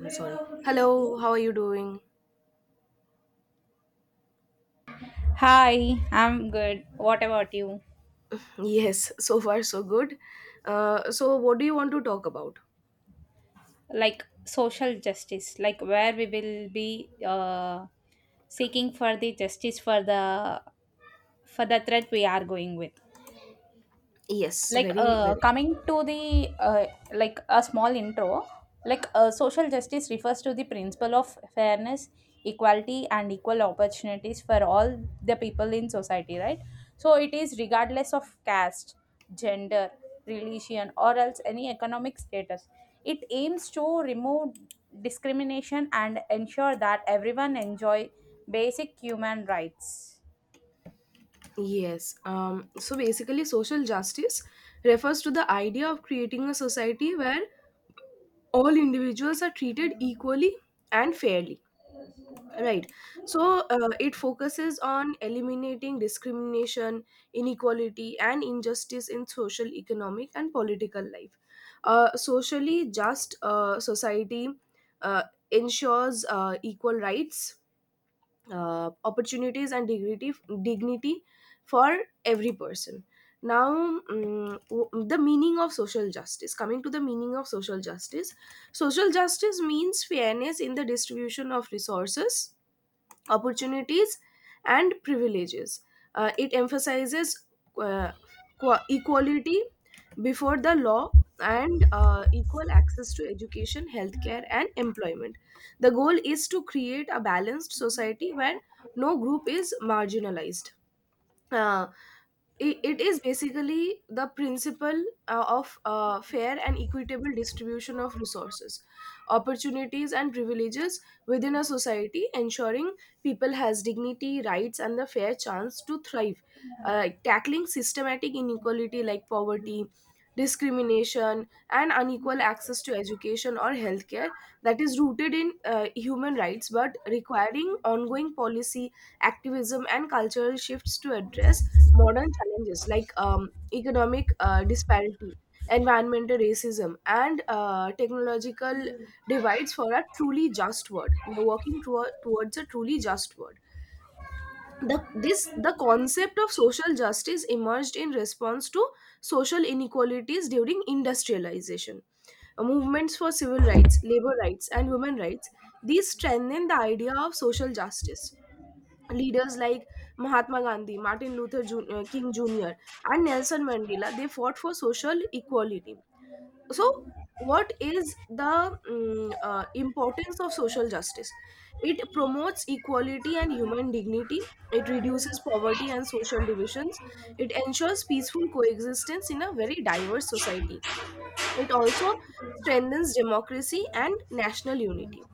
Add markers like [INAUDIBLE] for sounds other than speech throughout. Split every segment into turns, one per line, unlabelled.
I'm sorry. Hello, how are you doing?
Hi, I'm good. What about you?
Yes, [LAUGHS] so far so good. So what do you want to talk about?
Like social justice, like where we will be seeking for the justice for the threat we are going with.
Yes, very, very.
Coming to the like a small intro, social justice refers to the principle of fairness, equality and equal opportunities for all the people in society, right? So it is regardless of caste, gender, religion or else any economic status. It aims to remove discrimination and ensure that everyone enjoy basic human rights.
Yes. So basically, social justice refers to the idea of creating a society where all individuals are treated equally and fairly. Right. So it focuses on eliminating discrimination, inequality, and injustice in social, economic, and political life. Socially just society uh, ensures equal rights, opportunities, and dignity for every person. Now, the meaning of social justice. Coming to the meaning of social justice means fairness in the distribution of resources, opportunities, and privileges. It emphasizes uh, equality before the law and equal access to education, healthcare, and employment. The goal is to create a balanced society where no group is marginalized. Uh, it is basically the principle of fair and equitable distribution of resources, opportunities, and privileges within a society, ensuring people has dignity, rights, and the fair chance to thrive, tackling systematic inequality like poverty, discrimination, and unequal access to education or healthcare, that is rooted in human rights but requiring ongoing policy, activism, and cultural shifts to address modern challenges like economic disparity, environmental racism, and technological divides for a truly just world. We are working towards a truly just world. The concept of social justice emerged in response to social inequalities during industrialization. Movements for civil rights, labor rights, and women rights, these strengthen the idea of social justice. Leaders like Mahatma Gandhi, Martin Luther King Jr., and Nelson Mandela, they fought for social equality. So, what is the importance of social justice? It promotes equality and human dignity. It reduces poverty and social divisions. It ensures peaceful coexistence in a very diverse society. It also strengthens democracy and national unity.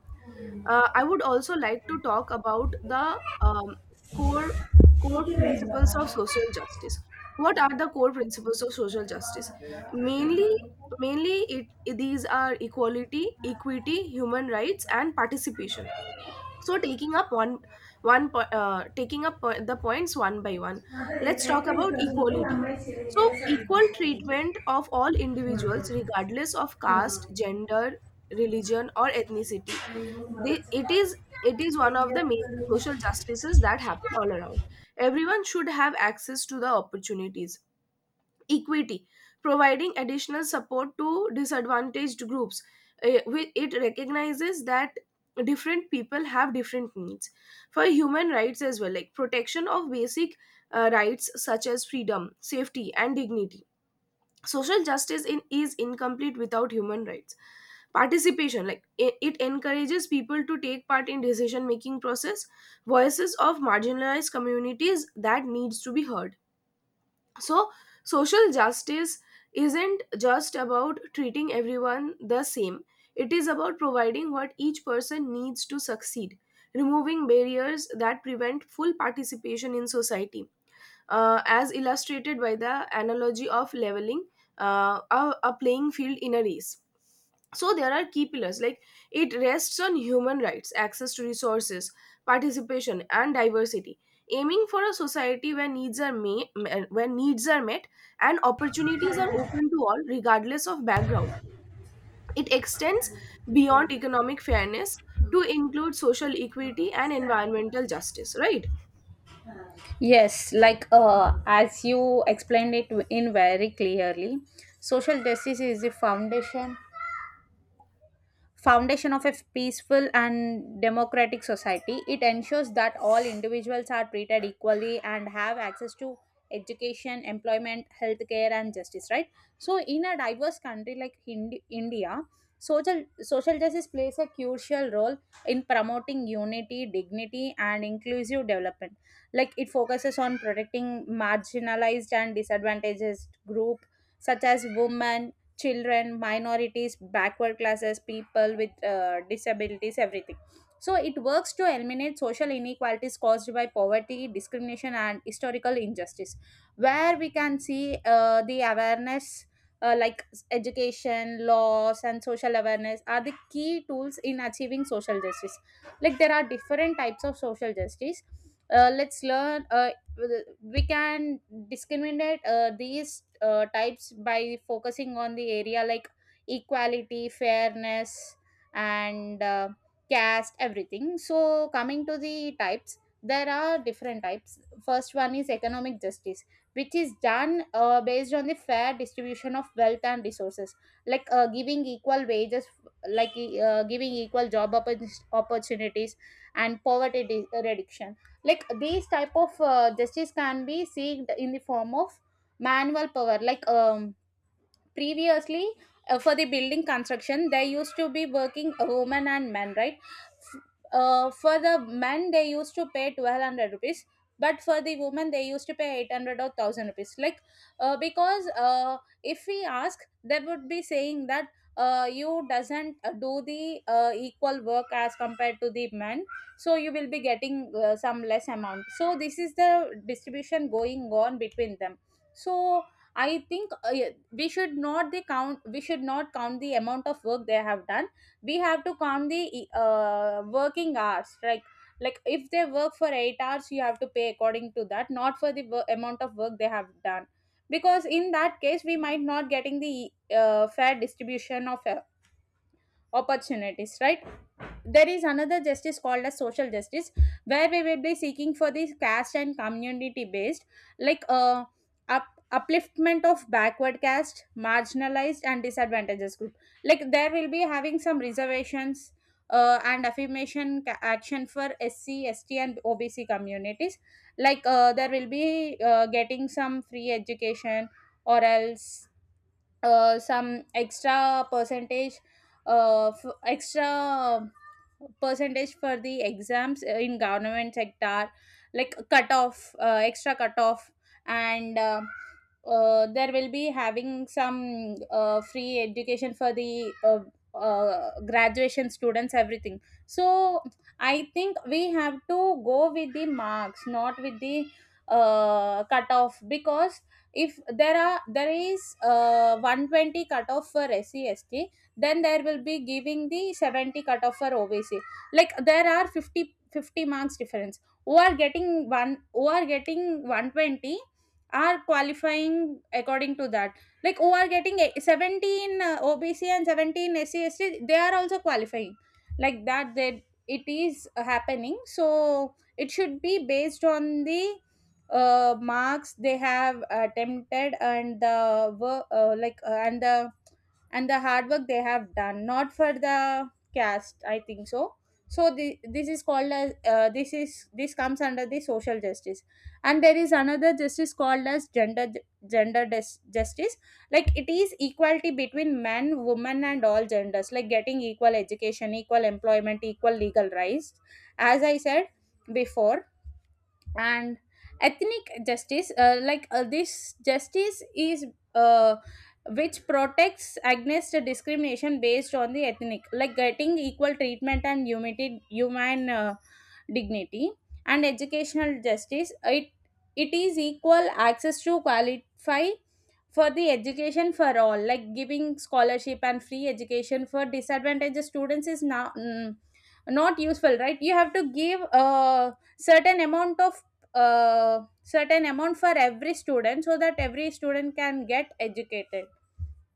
I would also like to talk about the core core principles of social justice. What are the core principles of social justice? Mainly, mainly, these are equality, equity, human rights, and participation. So taking up the points one by one. Let's talk about equality. So equal treatment of all individuals, regardless of caste, gender, religion, or ethnicity. They, it is it is one of the major social justices that happen all around. Everyone should have access to the opportunities. Equity, providing additional support to disadvantaged groups. It recognizes that different people have different needs. For human rights as well, like protection of basic rights such as freedom, safety, and dignity. Social justice is incomplete without human rights. Participation, like it encourages people to take part in decision making process. Voices of marginalized communities that needs to be heard. So social justice isn't just about treating everyone the same. It is about providing what each person needs to succeed, removing barriers that prevent full participation in society. As illustrated by the analogy of leveling uh, a a playing field in a race. So there are key pillars, like it rests on human rights, access to resources, participation, and diversity, aiming for a society where needs are met, and opportunities are open to all, regardless of background. It extends beyond economic fairness to include social equity and environmental justice. Right.
Yes, like as you explained it in very clearly, social justice is the foundation of a peaceful and democratic society. It ensures that all individuals are treated equally and have access to education, employment, healthcare, and justice. Right. So, in a diverse country like Hind- India, social justice plays a crucial role in promoting unity, dignity, and inclusive development. Like it focuses on protecting marginalized and disadvantaged group such as women, children, minorities, backward classes, people with disabilities, everything. So it works to eliminate social inequalities caused by poverty, discrimination, and historical injustice, where we can see the awareness. Like education laws and social awareness are the key tools in achieving social justice. Like there are different types of social justice. Let's learn We can discriminate these types by focusing on the area like equality, fairness and caste, everything. So coming to the types, there are different types. First one is economic justice, which is done based on the fair distribution of wealth and resources, like giving equal wages, like giving equal job oppo- opportunities and poverty de- reduction. Like these type of justice can be seeked in the form of manual power, like previously for the building construction they used to be working women and men, right? F- for the men they used to pay 1200 rupees, but for the women they used to pay 800 or 1000 rupees. Because if we ask they would be saying that you doesn't do the equal work as compared to the men, so you will be getting some less amount. So this is the distribution going on between them. So I think yeah, we should not the count. We should not count the amount of work they have done. We have to count the e, working hours. Right, like if they work for 8 hours, you have to pay according to that, not for the wo- amount of work they have done. Because in that case, we might not getting the e, fair distribution of opportunities, right? There is another justice called as social justice, where we will be seeking for this caste and community based, like up, upliftment of backward caste, marginalized and disadvantages group. Like there will be having some reservations and affirmation ca- action for SC, ST and OBC communities. Like there will be getting some free education or else some extra percentage, f- extra percentage for the exams in government sector, like cut off, extra cut off. And there will be having some free education for the graduation students, everything. So I think we have to go with the marks, not with the cutoff. Because if there is 120 cutoff for SC, then there will be giving the 70 cutoff for OBC. Like there are 50 50 marks difference. Who are getting one, who are getting 120 are qualifying according to that. Like who are getting a- 17 OBC and 17 SC, they are also qualifying. Like that they it is happening. So it should be based on the marks they have attempted and the work, and the hard work they have done, not for the caste, I think so. So this is called as this is this comes under the social justice. And there is another justice called as gender dis- justice. Like it is equality between men, women and all genders, like getting equal education, equal employment, equal legal rights, as I said before. And ethnic justice, this justice is uh, which protects against discrimination based on the ethnic, like getting equal treatment and humanity, human dignity. And educational justice, it is equal access to qualify for the education for all, like giving scholarship and free education for disadvantaged students is now not useful, right? You have to give a certain amount of certain amount for every student so that every student can get educated.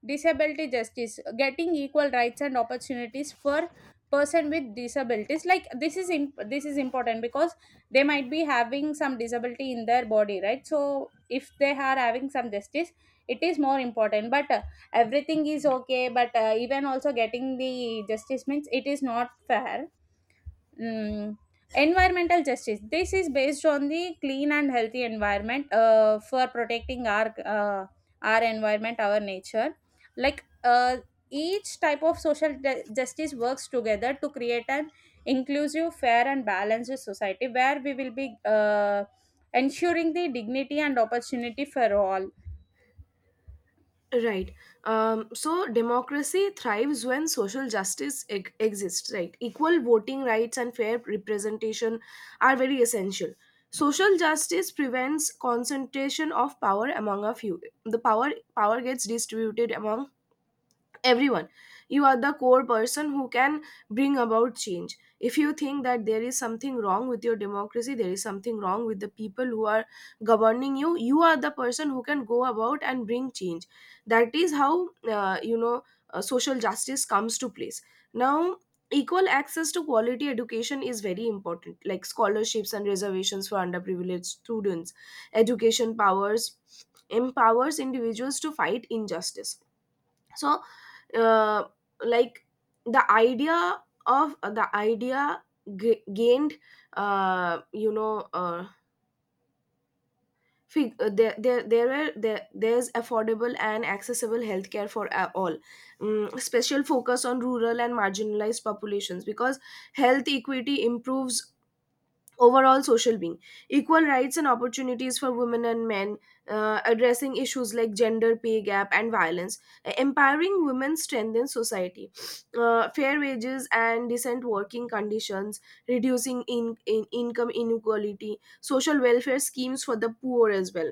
Disability justice, getting equal rights and opportunities for person with disabilities. Like this is imp- this is important because they might be having some disability in their body, right? So if they are having some justice, it is more important. But everything is okay, but even also getting the justice means it is not fair. Mm, Environmental justice. This is based on the clean and healthy environment for protecting our environment, our nature. Like each type of social ju- justice works together to create an inclusive, fair, and balanced society where we will be ensuring the dignity and opportunity for all.
Right. So democracy thrives when social justice exists, right? Equal voting rights and fair representation are very essential. Social justice prevents concentration of power among a few. The power gets distributed among everyone. You are the core person who can bring about change. If you think that there is something wrong with your democracy, there is something wrong with the people who are governing you, you are the person who can go about and bring change. That is how social justice comes to place. Now, equal access to quality education is very important, like scholarships and reservations for underprivileged students. Education powers empowers individuals to fight injustice. So, uh, like the idea gained you know fig- there, there there were there, there's affordable and accessible healthcare for all. Mm, special focus on rural and marginalized populations, because health equity improves overall social being. Equal rights and opportunities for women and men, addressing issues like gender pay gap and violence. Uh, empowering women strengthens society. Fair wages and decent working conditions, reducing in income inequality. Social welfare schemes for the poor as well,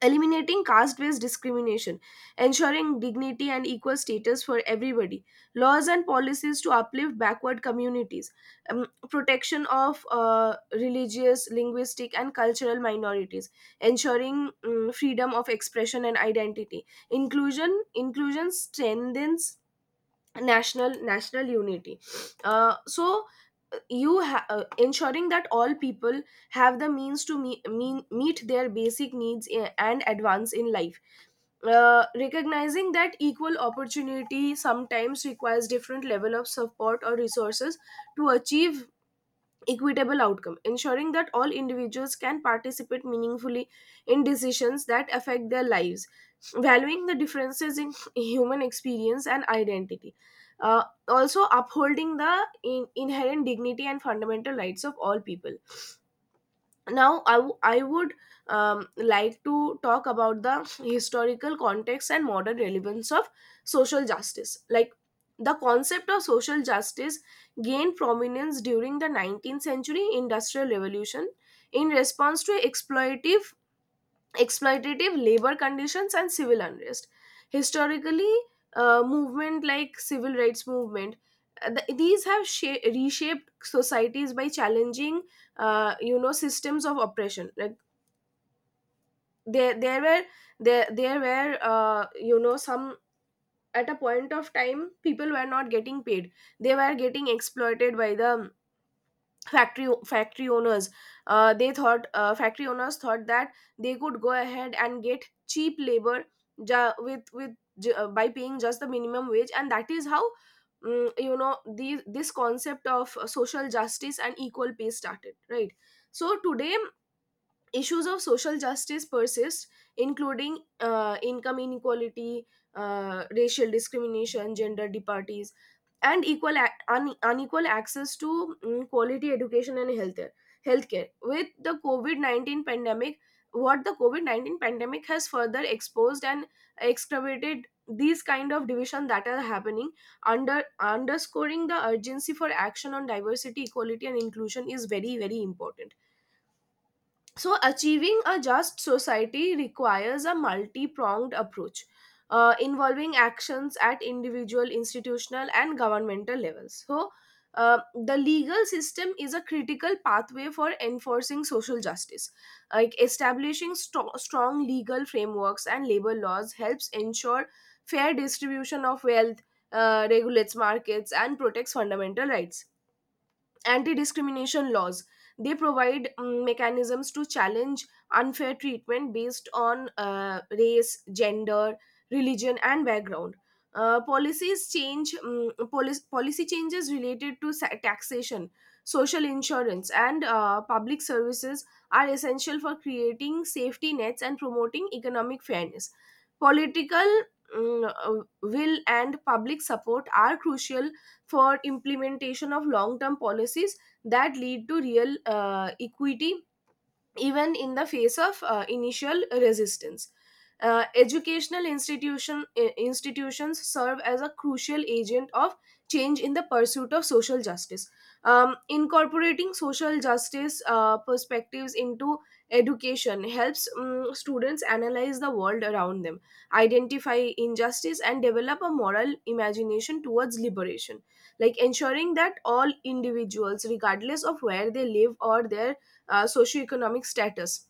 eliminating caste based discrimination, ensuring dignity and equal status for everybody, laws and policies to uplift backward communities, protection of religious, linguistic, and cultural minorities, ensuring freedom of expression and identity. Inclusion strengthens national unity. Uh, so ensuring that all people have the means to meet their basic needs and advance in life, recognizing that equal opportunity sometimes requires different level of support or resources to achieve equitable outcome, ensuring that all individuals can participate meaningfully in decisions that affect their lives, valuing the differences in [LAUGHS] human experience and identity. Uh, also, upholding the inherent dignity and fundamental rights of all people. Now I would like to talk about the historical context and modern relevance of social justice. Like, the concept of social justice gained prominence during the 19th century industrial revolution, in response to exploitive exploitative labor conditions and civil unrest. Historically, movement like civil rights movement, these have reshaped societies by challenging systems of oppression. Like, there there were there there were you know some at a point of time, people were not getting paid. They were getting exploited by the factory owners. Uh, they thought factory owners thought that they could go ahead and get cheap labor, with by paying just the minimum wage. And that is how, mm, you know the this concept of social justice and equal pay started, right? So today issues of social justice persist, including income inequality, racial discrimination, gender disparities, and unequal access to quality education and healthcare. Healthcare with the COVID 19 pandemic, what the COVID 19 pandemic has further exposed and excavated these kind of division that are happening, underscoring the urgency for action on diversity, equality, and inclusion is very very important. So, achieving a just society requires a multi pronged approach, involving actions at individual, institutional, and governmental levels. So, the legal system is a critical pathway for enforcing social justice. Like establishing strong legal frameworks and labor laws helps ensure fair distribution of wealth, regulates markets, and protects fundamental rights. Anti-discrimination laws, they provide mechanisms to challenge unfair treatment based on race, gender, religion, and background. Uh, policies change mm, policy, policy changes related to taxation, social insurance, and public services are essential for creating safety nets and promoting economic fairness. Political, will and public support are crucial for implementation of long term policies that lead to real equity, even in the face of initial resistance. Institutions serve as a crucial agent of change in the pursuit of social justice. Incorporating social justice perspectives into education helps students analyze the world around them, identify injustice, and develop a moral imagination towards liberation. Like ensuring that all individuals, regardless of where they live or their socioeconomic status,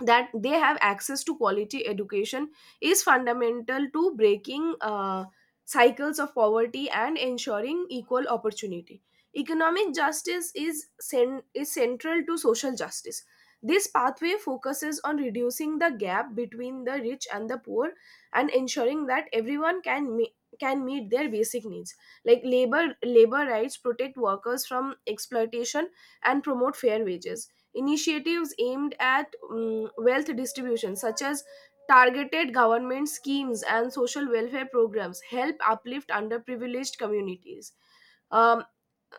that they have access to quality education is fundamental to breaking cycles of poverty and ensuring equal opportunity. Economic justice is is central to social justice. This pathway focuses on reducing the gap between the rich and the poor and ensuring that everyone can meet their basic needs. Like labor rights protect workers from exploitation and promote fair wages. Initiatives aimed at wealth distribution, such as targeted government schemes and social welfare programs, help uplift underprivileged communities. Um,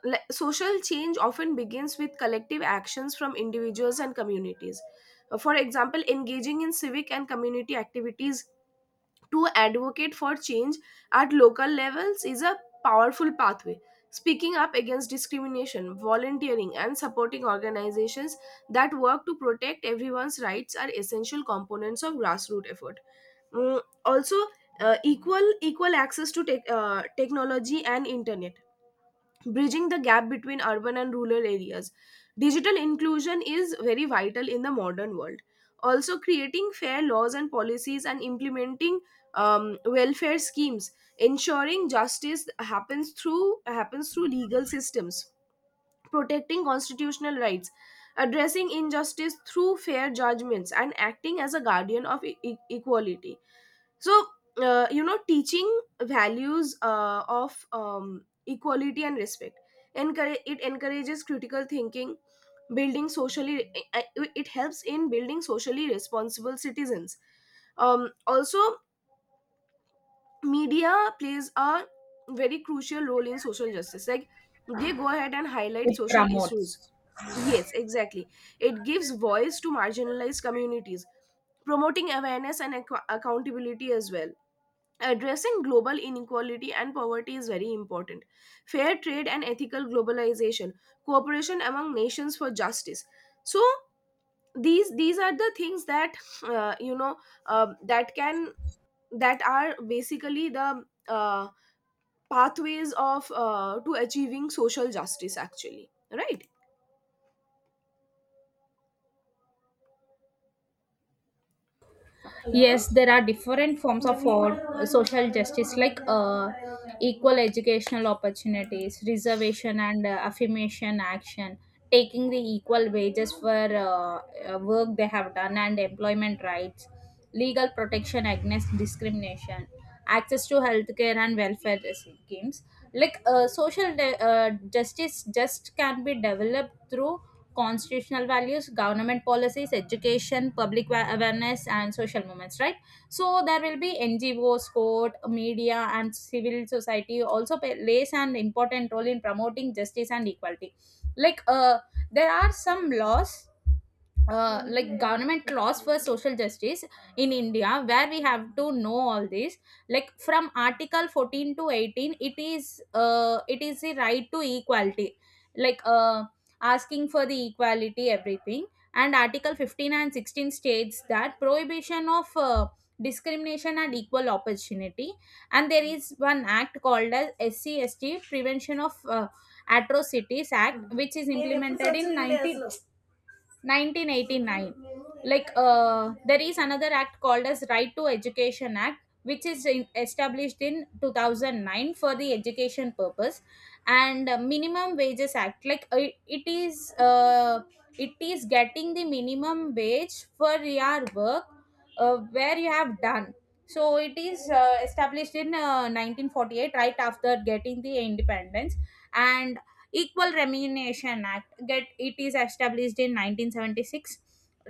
social change often begins with collective actions from individuals and communities. For example, engaging in civic and community activities to advocate for change at local levels is a powerful pathway. Speaking up against discrimination, volunteering, and supporting organizations that work to protect everyone's rights are essential components of grassroots effort. Mm, also, equal access to technology and internet, bridging the gap between urban and rural areas. Digital inclusion is very vital in the modern world. Also, creating fair laws and policies and implementing welfare schemes, ensuring justice happens through legal systems, protecting constitutional rights, addressing injustice through fair judgments, and acting as a guardian of equality. So teaching values of equality and respect. It encourages critical thinking, building socially it helps in building socially responsible citizens. Also, media plays a very crucial role in social justice, like they go ahead and highlight social issues. Yes, exactly. It gives voice to marginalized communities, promoting awareness and accountability as well. Addressing global inequality and poverty is very important. Fair trade and ethical globalization, cooperation among nations for justice. So these are the things that uh, you know that can, that are basically the pathways of to achieving social justice, actually, right?
Yes, there are different forms of social justice, like equal educational opportunities, reservation and affirmation action, taking the equal wages for work they have done, and employment rights, legal protection against discrimination, access to healthcare and welfare schemes. Like social de- justice just can be developed through constitutional values, government policies, education, public wa- awareness, and social movements, right? So there will be NGOs, court, media, and civil society also play- plays an important role in promoting justice and equality. Like there are some laws, like government laws for social justice in India, where we have to know all this. Like from article 14 to 18, it is the right to equality, like asking for the equality, everything. And article 15 and 16 states that prohibition of discrimination and equal opportunity. And there is one act called as SCST prevention of atrocities act, which is implemented in 19 1989. Like there is another act called as right to education act, which is in, established in 2009 for the education purpose. And minimum wages act, like it is uh, it is getting the minimum wage for your work where you have done. So it is established in 1948, right after getting the independence. And equal remuneration act, get it is established in 1976.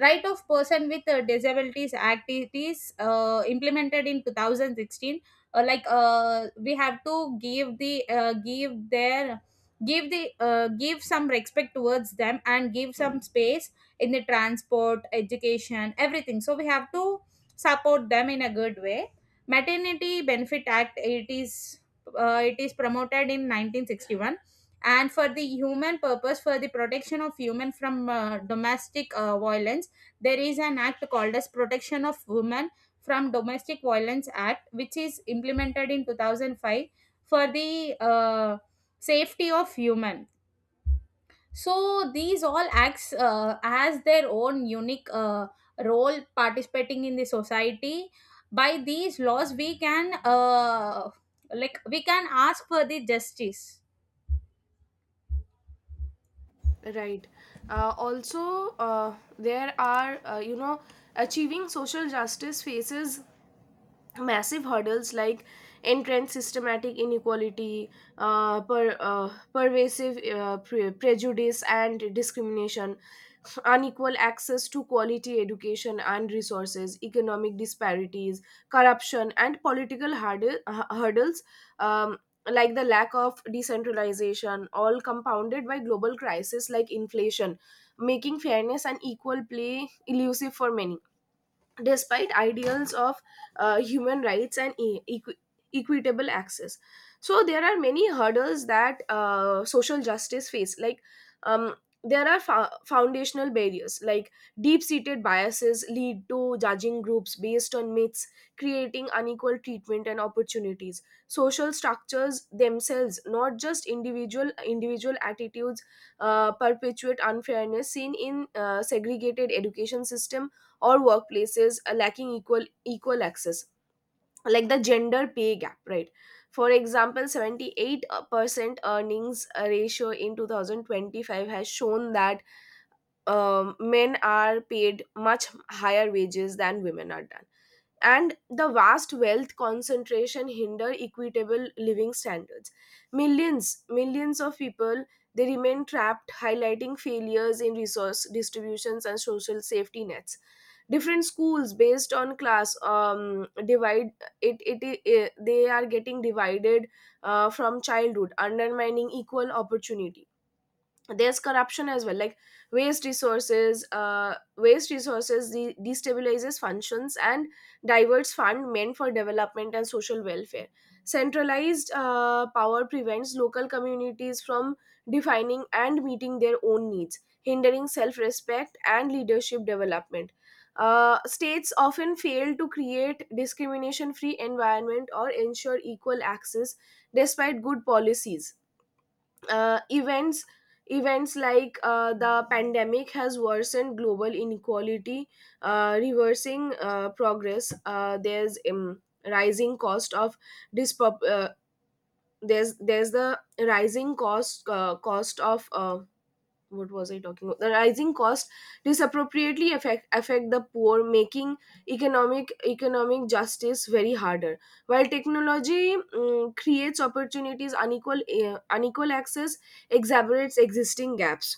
Right of person with disabilities act, it is implemented in 2016. We have to give the give their give the give some respect towards them and give some space in the transport, education, everything. So we have to support them in a good way. Maternity benefit act, it is promoted in 1961. And for the human purpose, for the protection of human from domestic violence, there is an act called as protection of women from domestic violence act, which is implemented in 2005 for the safety of human. So these all acts has their own unique role participating in the society. By these laws we can like we can ask for the justice.
Right. Also there are, achieving social justice faces massive hurdles, like entrenched systematic inequality, pervasive prejudice and discrimination, unequal access to quality education and resources, economic disparities, corruption, and political hurdles. Um, like the lack of decentralization, all compounded by global crises like inflation, making fairness and equal play elusive for many, despite ideals of human rights and equitable access. So there are many hurdles that social justice face, like um, there are foundational barriers, like deep-seated biases lead to judging groups based on myths, creating unequal treatment and opportunities. Social structures themselves, not just individual attitudes, perpetuate unfairness, seen in segregated education system or workplaces are lacking equal access, like the gender pay gap, right? For example, 78% earnings ratio in 2025 has shown that men are paid much higher wages than women are done. And the vast wealth concentration hinder equitable living standards. Millions of people, they remain trapped, highlighting failures in resource distributions and social safety nets. Different schools based on class divide, it, it, it they are getting divided from childhood, undermining equal opportunity. There's corruption as well, like waste resources destabilizes functions and diverts fund meant for development and social welfare. Centralized power prevents local communities from defining and meeting their own needs, hindering self-respect and leadership development. States often fail to create discrimination-free environment or ensure equal access despite good policies. uh, events Events like the pandemic has worsened global inequality, reversing progress. There's rising cost of dispop- uh, there's the rising cost cost of what was I talking about? The rising cost disappropriately affect the poor, making economic justice very harder. While technology creates opportunities, unequal access exacerbates existing gaps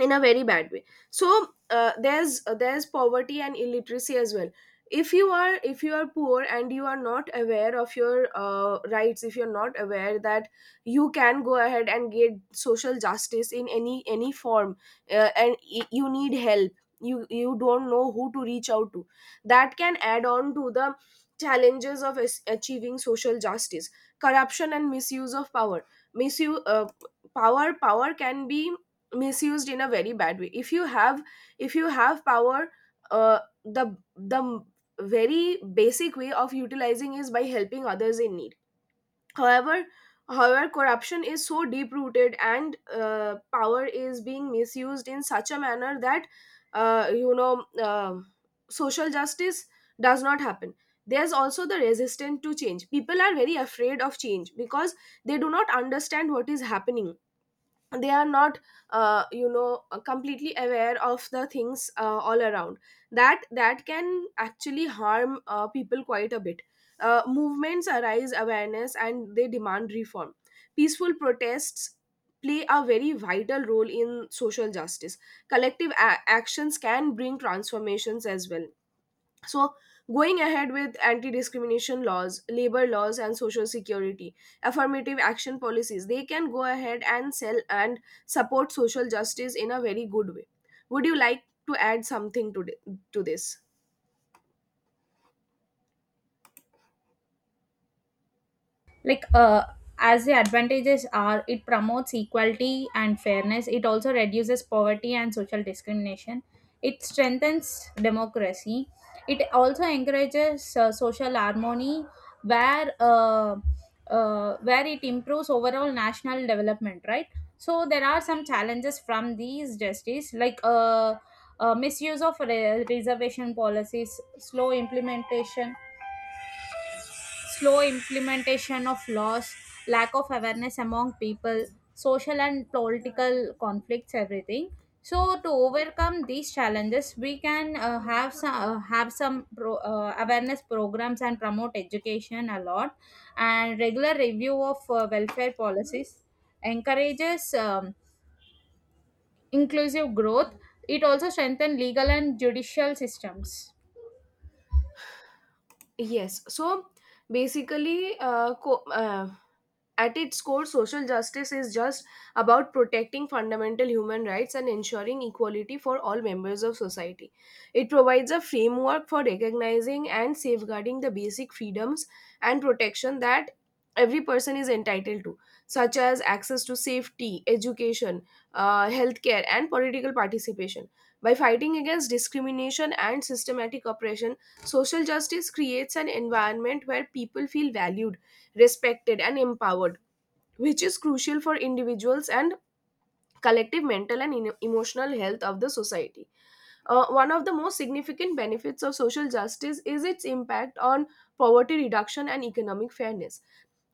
in a very bad way. So there's poverty and illiteracy as well. If you are poor and you are not aware of your rights, if you're not aware that you can go ahead and get social justice in any form, and you need help, you don't know who to reach out to, that can add on to the challenges of achieving social justice. Corruption and misuse of power, misuse power power can be misused in a very bad way. If you have power, uh, the very basic way of utilizing is by helping others in need. However, however, corruption is so deep rooted and power is being misused in such a manner that uh, you know um social justice does not happen. There's also the resistance to change. People are very afraid of change because they do not understand what is happening. They are not completely aware of the things all around. That can actually harm people quite a bit. Uh, movements arise awareness and they demand reform. Peaceful protests play a very vital role in social justice. Collective actions can bring transformations as well. So, going ahead with anti discrimination laws, labor laws, and social security, affirmative action policies, they can go ahead and sell and support social justice in a very good way. Would you like to add something to, to this?
Like as the advantages are, it promotes equality and fairness. It also reduces poverty and social discrimination. It strengthens democracy. It also encourages social harmony, where uh, where it improves overall national development, right? So there are some challenges from these justice, like misuse of re- reservation policies, slow implementation of laws, lack of awareness among people, social and political conflicts, everything. So to overcome these challenges, we can have some awareness programs and promote education a lot, and regular review of welfare policies encourages inclusive growth. It also strengthens legal and judicial systems.
Yes. So basically, at its core, social justice is just about protecting fundamental human rights and ensuring equality for all members of society. It provides a framework for recognizing and safeguarding the basic freedoms and protection that every person is entitled to, such as access to safety, education, healthcare, and political participation. By fighting against discrimination and systematic oppression, social justice creates an environment where people feel valued, respected, and empowered, which is crucial for individuals and collective mental and emotional health of the society. One of the most significant benefits of social justice is its impact on poverty reduction and economic fairness.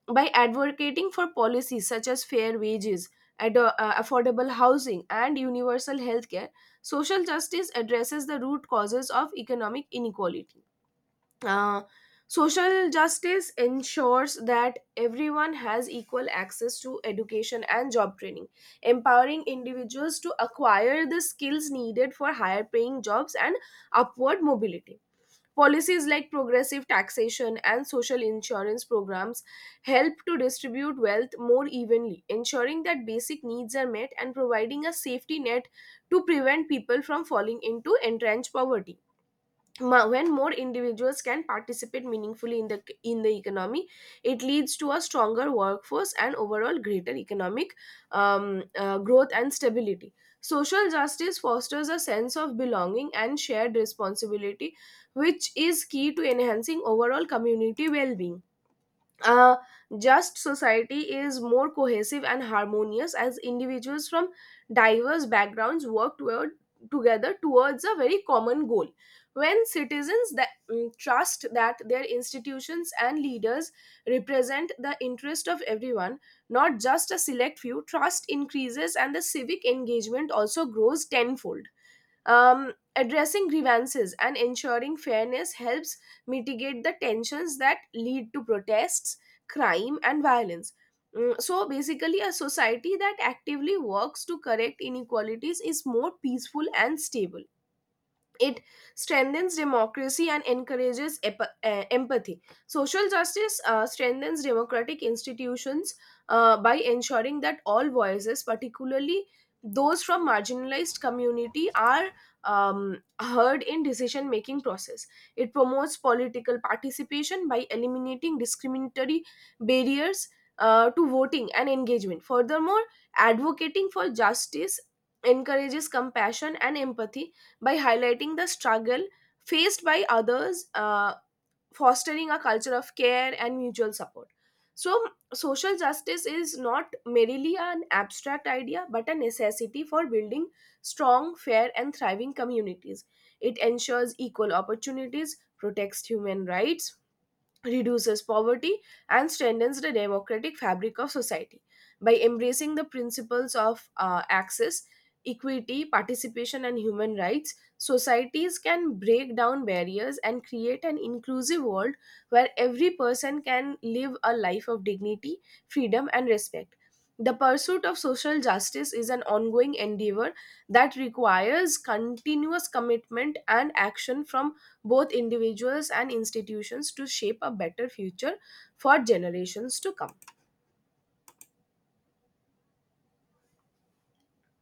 By advocating for policies such as fair wages, affordable housing, and universal health care, social justice addresses the root causes of economic inequality. uh, Social justice ensures that everyone has equal access to education and job training, empowering individuals to acquire the skills needed for higher paying jobs and upward mobility. Policies like progressive taxation and social insurance programs help to distribute wealth more evenly, ensuring that basic needs are met and providing a safety net to prevent people from falling into entrenched poverty. When more individuals can participate meaningfully in the economy, it leads to a stronger workforce and overall greater economic growth and stability. Social justice fosters a sense of belonging and shared responsibility, which is key to enhancing overall community well-being. A just society is more cohesive and harmonious as individuals from diverse backgrounds together towards a very common goal. When citizens that trust that their institutions and leaders represent the interest of everyone, not just a select few, trust increases and the civic engagement also grows tenfold. Addressing grievances and ensuring fairness helps mitigate the tensions that lead to protests, crime, and violence. So basically, a society that actively works to correct inequalities is more peaceful and stable. It strengthens democracy and encourages empathy. Social justice strengthens democratic institutions by ensuring that all voices, particularly those from marginalized community, are heard in decision making process. It promotes political participation by eliminating discriminatory barriers to voting and engagement. Furthermore, advocating for justice encourages compassion and empathy by highlighting the struggle faced by others, fostering a culture of care and mutual support. So, social justice is not merely an abstract idea but a necessity for building strong, fair, and thriving communities. It ensures equal opportunities, protects human rights, reduces poverty and strengthens the democratic fabric of society. By embracing the principles of access, equity, participation and human rights, societies can break down barriers and create an inclusive world where every person can live a life of dignity, freedom and respect. The pursuit of social justice is an ongoing endeavor that requires continuous commitment and action from both individuals and institutions, to shape a better future for generations to come.